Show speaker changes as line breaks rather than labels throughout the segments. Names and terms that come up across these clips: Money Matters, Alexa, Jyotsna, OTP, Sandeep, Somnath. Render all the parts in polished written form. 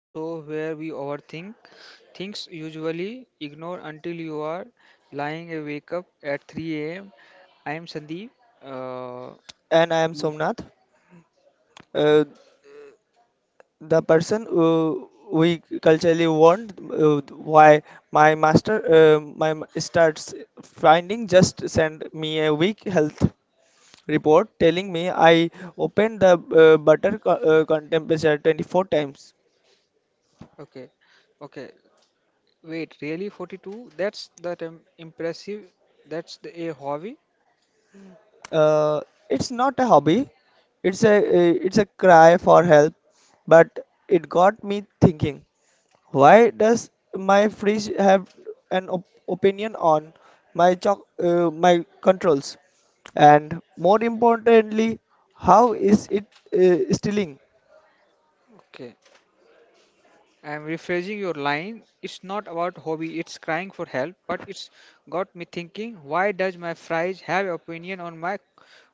the show where we overthink things usually ignore until you are lying awake up at 3 a.m. I am Sandeep. Uh,
And I am
y-
Somnath. Uh, the person who we culturally warned, why my master starts finding just sent me a weak health report telling me I opened the butter con temperature 24 times.
okay, okay. Wait, really 42? That's that impressive. That's a hobby.
Uh, it's not a hobby. It's a cry for help, but it got me thinking. Why does my fridge have an op opinion on my choc my controls? And more importantly, how is it stealing?
Okay. I'm rephrasing your line. It's not about hobby, it's crying for help, but it's got me thinking. Why does my fries have opinion on my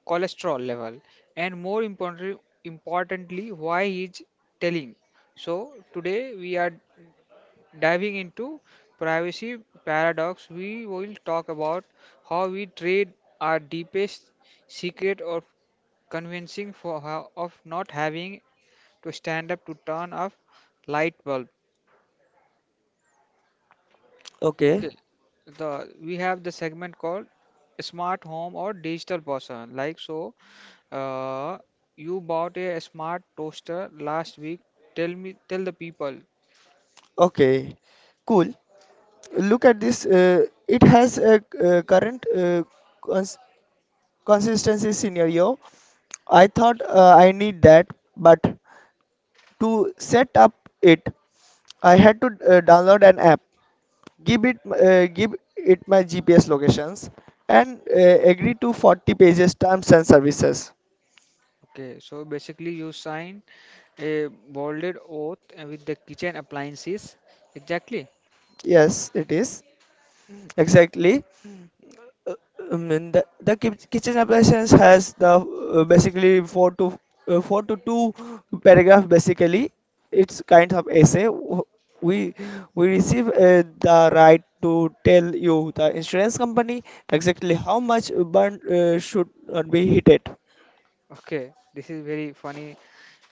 cholesterol level? And more importantly, importantly why he's telling. So today we are diving into privacy paradox. We will talk about how we trade our deepest secret of convincing for how of not having to stand up to turn off light bulb.
Okay.
Okay, the we have the segment called smart home or digital person. Uh, you bought a smart toaster last week. Tell me, tell the people.
Okay, cool. Look at this. It has a current, cons consistency scenario. I thought I need that, but to set up it, I had to download an app, give it my GPS locations and agree to 40 pages terms and services.
Okay, so basically you sign a bolded oath with the kitchen appliances. Exactly.
Yes, it is exactly. Uh, and the kitchen applications has the basically four to two paragraph basically. It's kind of essay. We we receive the right to tell you the insurance company exactly how much burn should not be hit.
Okay, this is very funny.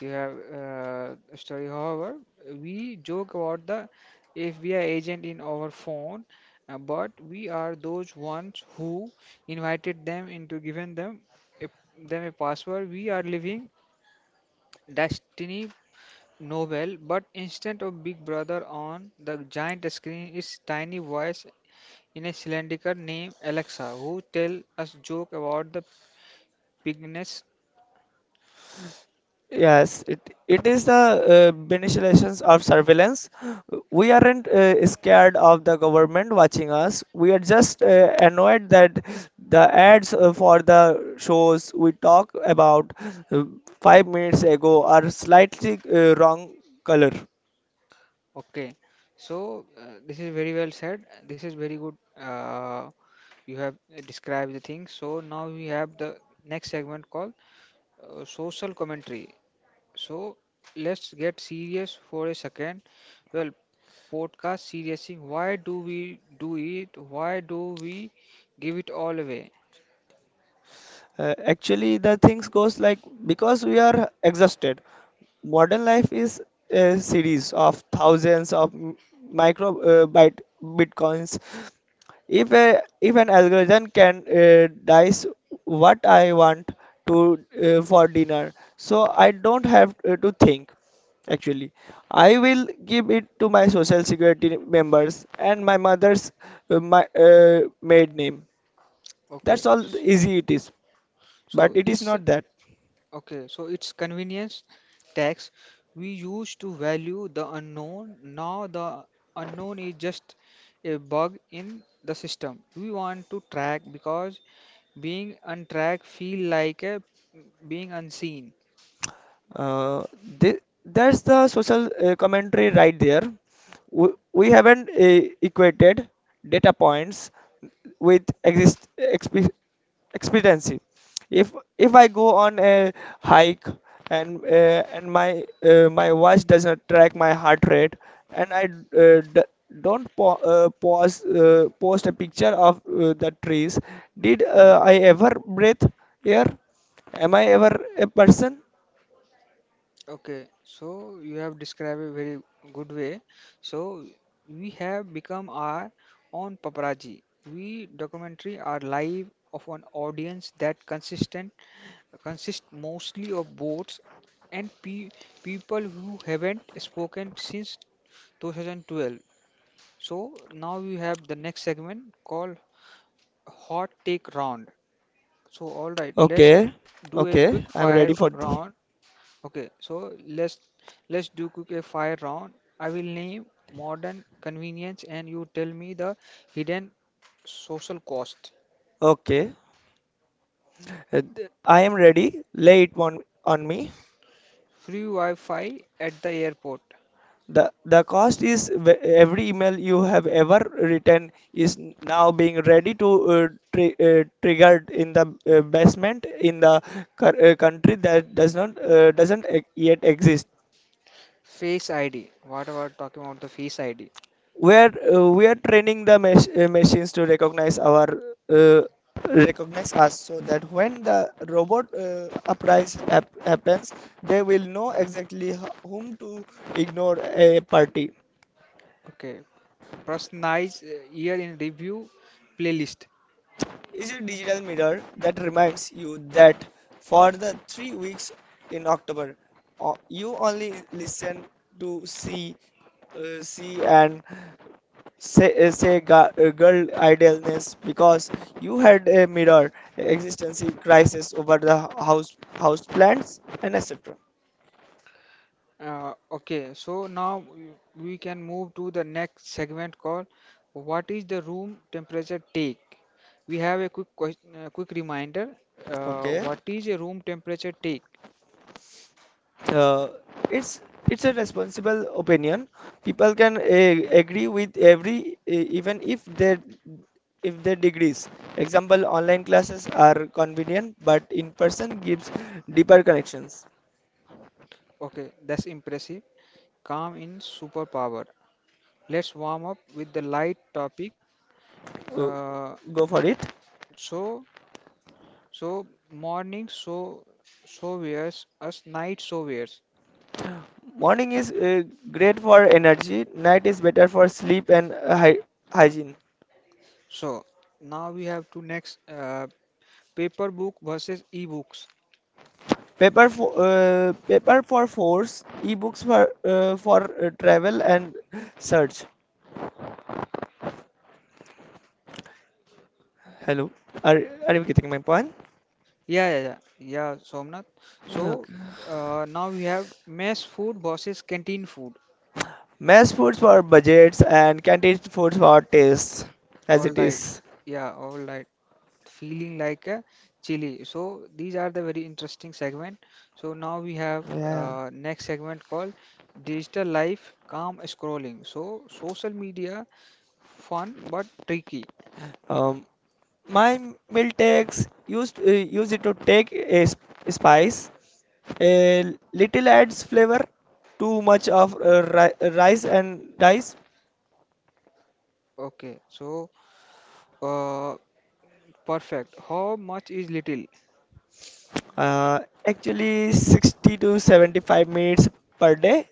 You have story. However, we joke about the FBI agent in our phone, but we are those ones who invited them into given them a, them a password. We are living destiny novel, but instead of Big Brother on the giant screen, is tiny voice in a cylindrical named Alexa who tell us joke about the bigness.
Yes, it is the manipulations of surveillance. We aren't scared of the government watching us. We are just annoyed that the ads for the shows we talk about uh, 5 minutes ago are slightly wrong color.
Okay, so this is very well said. This is very good. You have described the thing. So now we have the next segment called social commentary. So let's get serious for a second. Well, podcast seriousing. Why do we do it? Why do we give it all away?
Actually, the things goes like because we are exhausted. Modern life is a series of thousands of micro byte bitcoins. If an algorithm can dice what I want to for dinner, so I don't have to think. Actually, I will give it to my social security members and my mother's my maid name.
Okay,
That's all easy it is,
so
but it is
it's.
not that.
Okay, so it's convenience tax. We used to value the unknown. Now the unknown is just a bug in the system. We want to track because being untracked feel like a being unseen.
Uh, thi- that's the social commentary right there. We haven't equated data points with exist exp expediency. If if I go on a hike and my my watch doesn't track my heart rate and I d don't pa pause post a picture of the trees, did I ever breathe air? Am I ever a person?
Okay, so you have described a very good way. So we have become our own paparazzi. We documentary our life of an audience that consist mostly of boats and pe people who haven't spoken since 2012. So now we have the next segment called Hot Take Round. So all right, let's
Okay,
do a
okay,
quick
I'm
fire
ready for the.
round. Okay, so let's do quick a fire round. I will name modern convenience and you tell me the hidden social cost.
Okay, I am ready. Lay it on me.
Free Wi-Fi at the airport.
The cost is every email you have ever written is now being ready to, uh, triggered in the basement in the country that does not, doesn't yet exist.
Face ID. What about talking about the Face ID?
We are training the machines to recognize our uh, recognize us so that when the robot uprise happens, they will know exactly whom to ignore a party.
Okay, personalized year in review playlist.
Is a digital mirror that reminds you that for the 3 weeks in october you only listen to see see and say, say girl idealness, because you had a mirror, existential crisis over the house plants and etc.
Okay, so now we can move to the next segment called What is the room temperature take? We have a quick question, quick reminder.
Okay.
What is a room temperature take?
Uh, it's it's a responsible opinion people can agree with every, even if they, if they degrees. Example: online classes are convenient but in person gives deeper connections.
Okay, that's impressive. Calm in superpower. Let's warm up with the light topic.
Uh,
Uh,
Go for it.
so, so morning, so so wears us night, so wears.
Morning is great for energy, night is better for sleep and hy hygiene.
So now we have to next paper book versus e-books.
Paper for force, ebooks for travel and search. Hello, are are you getting my point?
Yeah, yeah, yeah, yeah, Somnath. So
Okay.
now we have mess food versus canteen food.
Mass foods for budgets and canteen foods for tastes, as
All
it
right,
is.
yeah, all right. Feeling like a chili. So these are the very interesting segment. So now we have
Yeah.
next segment called digital life, calm scrolling. So social media, fun but tricky.
Um, my meal takes use it to take a spice. A little adds flavor, too much of rice and dice.
Okay, so uh, perfect. How much is little?
Uh, Actually, 60 to 75 minutes per day,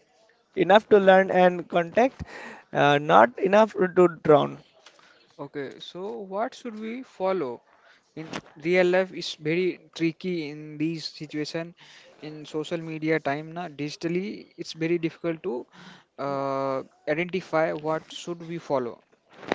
enough to learn and contact, not enough to drown.
Okay, so what should we follow in real life is very tricky in these situation in social media time na digitally it's very difficult to uh, identify what should we follow.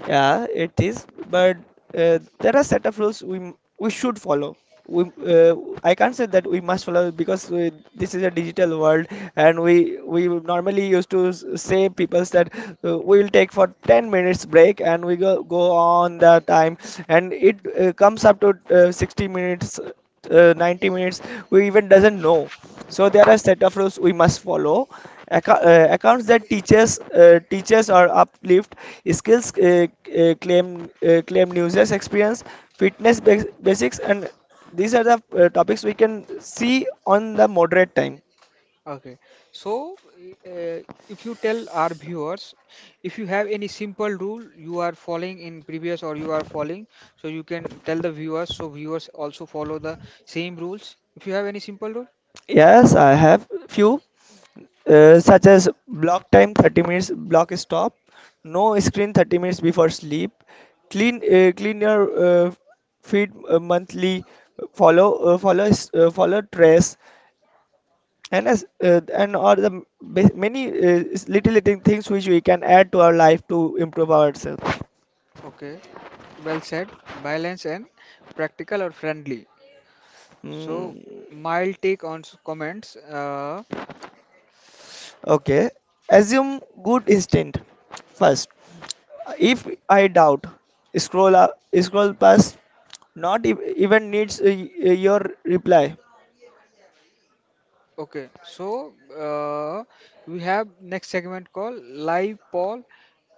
Yeah, it is, but there are set of rules we should follow. We I can't say that we must follow because we, this is a digital world, and we normally used to say people that we'll take for 10 minutes break and we go on the time, and it comes up to 60 minutes, 90 minutes, we even doesn't know. So there are set of rules we must follow. Accounts that teaches teaches or uplift skills, uh, claim claim users experience, fitness basics, and these are the topics we can see on the moderate time.
Okay, so if you tell our viewers if you have any simple rule you are following in previous or you are following so you can tell the viewers so viewers also follow the same rules if you have any simple rule.
Yes, I have few, such as block time 30 minutes block stop, no screen 30 minutes before sleep, clean your feed monthly, follow trace, and are the many little little things which we can add to our life to improve ourselves.
Okay. Well said, balanced and practical or friendly. So,
Mm,
mild take on comments.
okay. Assume good instinct first. If I doubt, scroll up, scroll past. Not even needs, your reply.
Okay, so we have next segment called live poll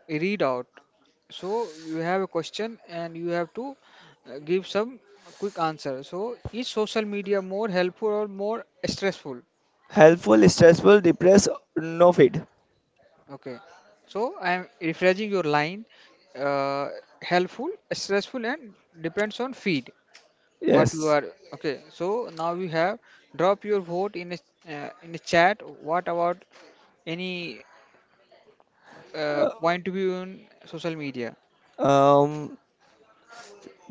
read out. So you have a question and you have to give some quick answer. So is social media more helpful or more stressful?
Helpful, stressful, depressed, no feed.
Okay, so I am rephrasing your line. Uh, helpful, stressful, and depends on feed. What you
Yes.
are okay so now we have drop your vote in in the chat what about any
Uh,
point of view in social media.
Um,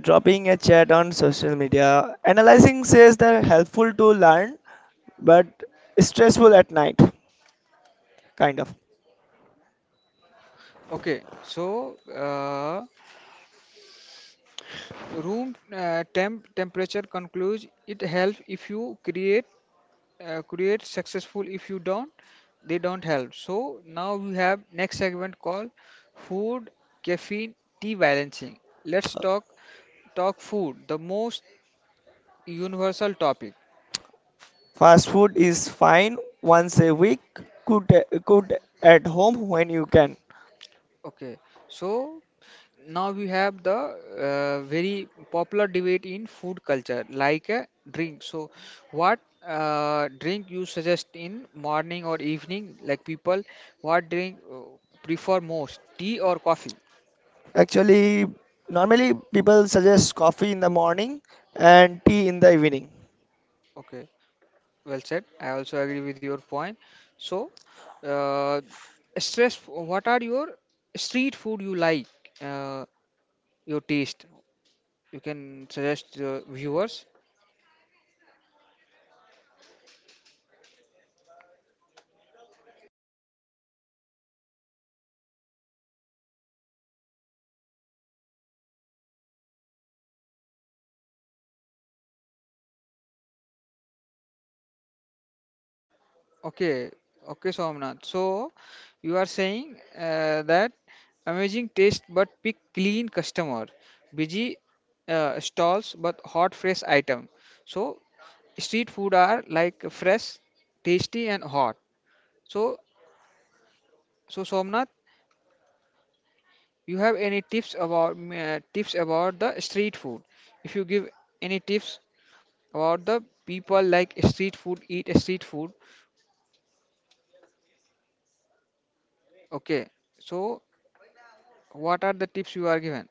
Dropping a chat on social media. Analyzing says they're helpful to learn, but stressful at night, kind of.
Okay so room temperature concludes it helps if you create create successful if you don't they don't help. So now we have next segment called food caffeine tea balancing. Let's talk food the most universal topic.
Fast food is fine once a week. Cook, cook, at home when you can.
Okay, so now we have the very popular debate in food culture, like a drink. So, what drink you suggest in morning or evening? Like people, what drink prefer most, tea or coffee?
Actually, normally people suggest coffee in the morning and tea in the evening.
Okay, well said. I also agree with your point. So, uh, stress. What are your street food you like? Uh, your taste. You can suggest the viewers. Okay, okay, Somnath. So you are saying that amazing taste but pick clean customer, busy stalls but hot fresh item. So street food are like fresh, tasty and hot. So Somnath, you have any tips about the street food? If you give any tips about the people like street food, eat street food. Okay. So what are the tips you are given?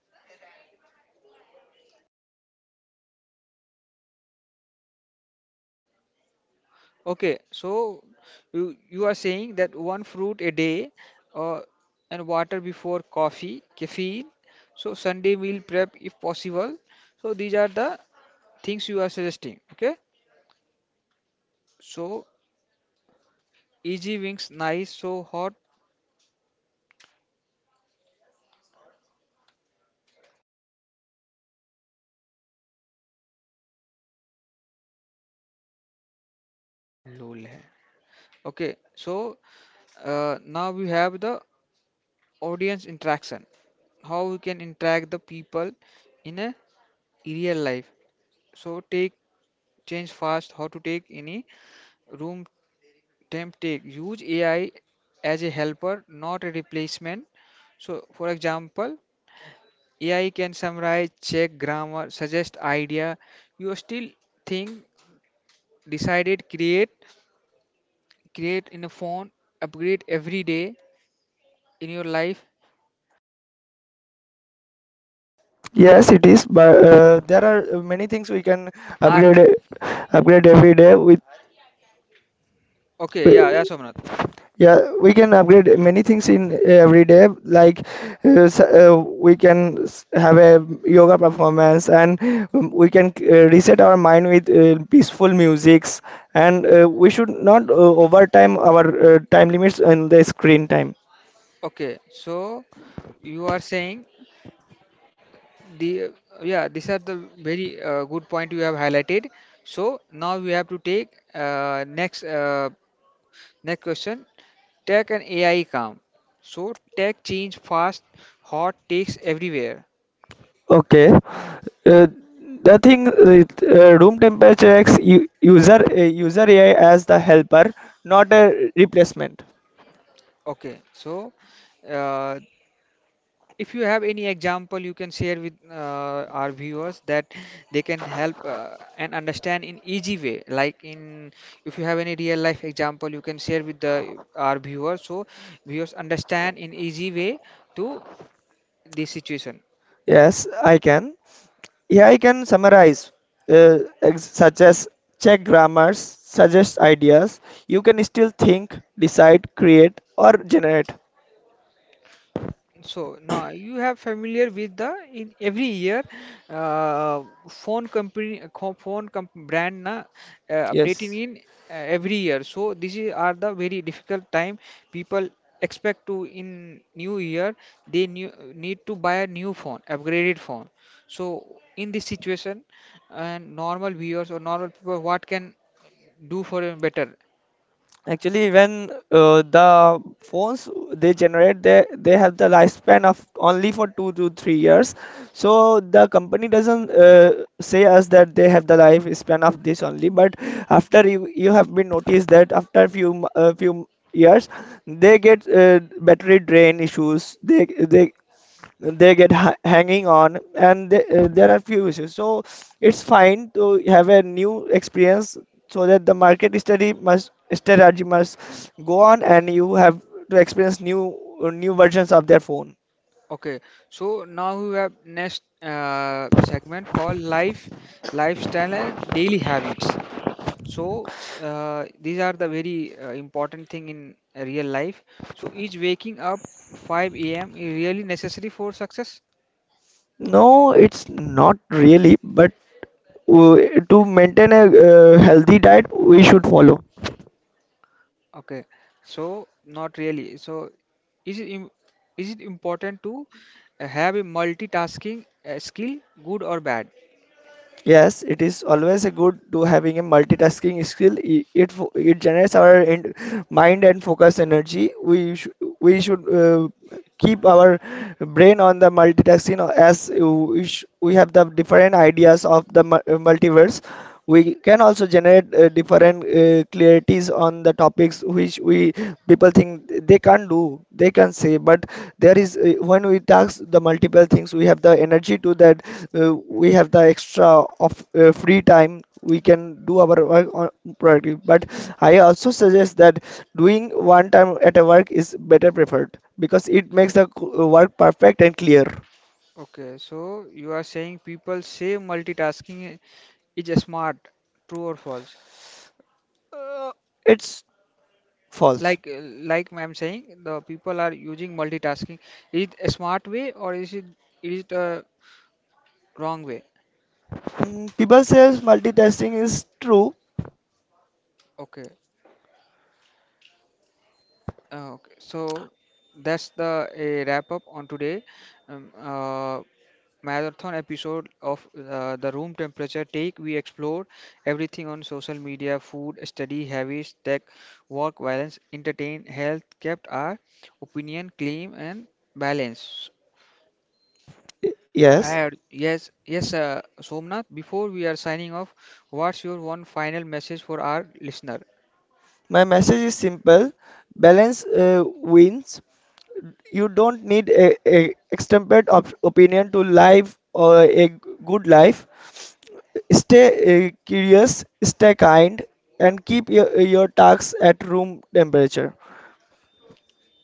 Okay, so you are saying that one fruit a day uh, and water before coffee, caffeine, so Sunday meal prep if possible. So these are the things you are suggesting. Okay, so easy wings nice so hot lol है. Okay, so now we have the audience interaction. How we can interact the people in a real life. So take change fast how to take any room them take use AI as a helper, not a replacement. So, for example, AI can summarize, check grammar, suggest idea. You still think, decided, create, create in a phone, upgrade every day in your life.
Yes, it is, but there are many things we can
Are
upgrade upgrade every day with, uh,
okay? Yeah, yeah, Somnath.
yeah we can upgrade many things in every day like we can have a yoga performance and we can reset our mind with peaceful musics, and we should not overtime our time limits and the screen time.
Okay, so you are saying the yeah, these are the very good point you have highlighted. So now we have to take uh, next uh, Next question. Tech and AI come. So tech change fast, hot takes everywhere.
Okay. Uh, the room temperature acts user AI as the helper, not a replacement.
Okay, so uh, if you have any example, you can share with our viewers that they can help and understand in easy way. Like in, if you have any real life example, you can share with the our viewers so viewers understand in easy way to this situation.
Yes, I can. AI can summarize, such as check grammars, suggest ideas. You can still think, decide, create, or generate.
So now you have familiar with the in every year uh, phone company co- phone com brand na updating
Yes.
in every year. So this is are the very difficult time people expect to in new year they new, need to buy a new phone, upgraded phone. So in this situation and normal viewers or normal people what can do for a better?
Actually, when the phones they generate, they have the lifespan of only for 2 to 3 years. So the company doesn't say us that they have the lifespan of this only. But after you have been noticed that after few few years, they get battery drain issues. They get ha hanging on and th there are few issues, so it's fine to have a new experience, so that the market study must strategy must go on, and you have to experience new, new versions of their phone.
Okay, so now we have next segment called life, lifestyle, and daily habits. So these are the very important thing in real life. So is waking up 5 a.m. is really necessary for success?
No, it's not really, but uh, to maintain a healthy diet we should follow.
Okay, so not really. So is it im is it important to have a multitasking skill, good or bad?
Yes, it is always a good to having a multitasking skill. It it generates our mind and focus energy. We should keep our brain on the multitasking, as we, sh we have the different ideas of the multiverse. We can also generate different clarities on the topics which we, people think they can't do, they can say, but there is, when we task the multiple things we have the energy to that, we have the extra of free time we can do our work on priority, but I also suggest that doing one time at a work is better preferred because it makes
Okay,
the work perfect and clear.
okay. So you are saying people say multitasking is smart true or false.
It's false.
like uh, like I'm saying the people are using multitasking, is it a smart way or is it a wrong way?
Mm, people says multitasking is true.
Okay, okay, so that's the a wrap up on today um, uh, marathon episode of the room temperature take. We explored everything on social media food study habits tech work violence, entertain health kept our opinion clean and balanced.
Yes,
Had yes, yes, Somnath. Before we are signing off, what's your one final message for our listener?
my message is simple. Balance wins. You don't need a extemporate opinion to live or a good life. Stay curious, stay kind, and keep your tasks at room temperature.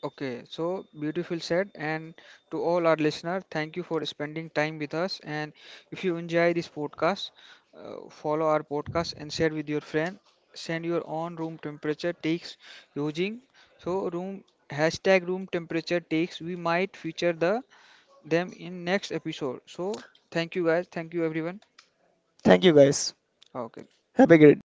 Okay, so beautiful said, and to all our listener, thank you for spending time with us. And if you enjoy this podcast, follow our podcast and share with your friend. Send your own room temperature takes using so room hashtag room temperature takes. We might feature the them in next episode. So thank you guys, thank you everyone.
Thank you guys.
Okay.
Have a great day.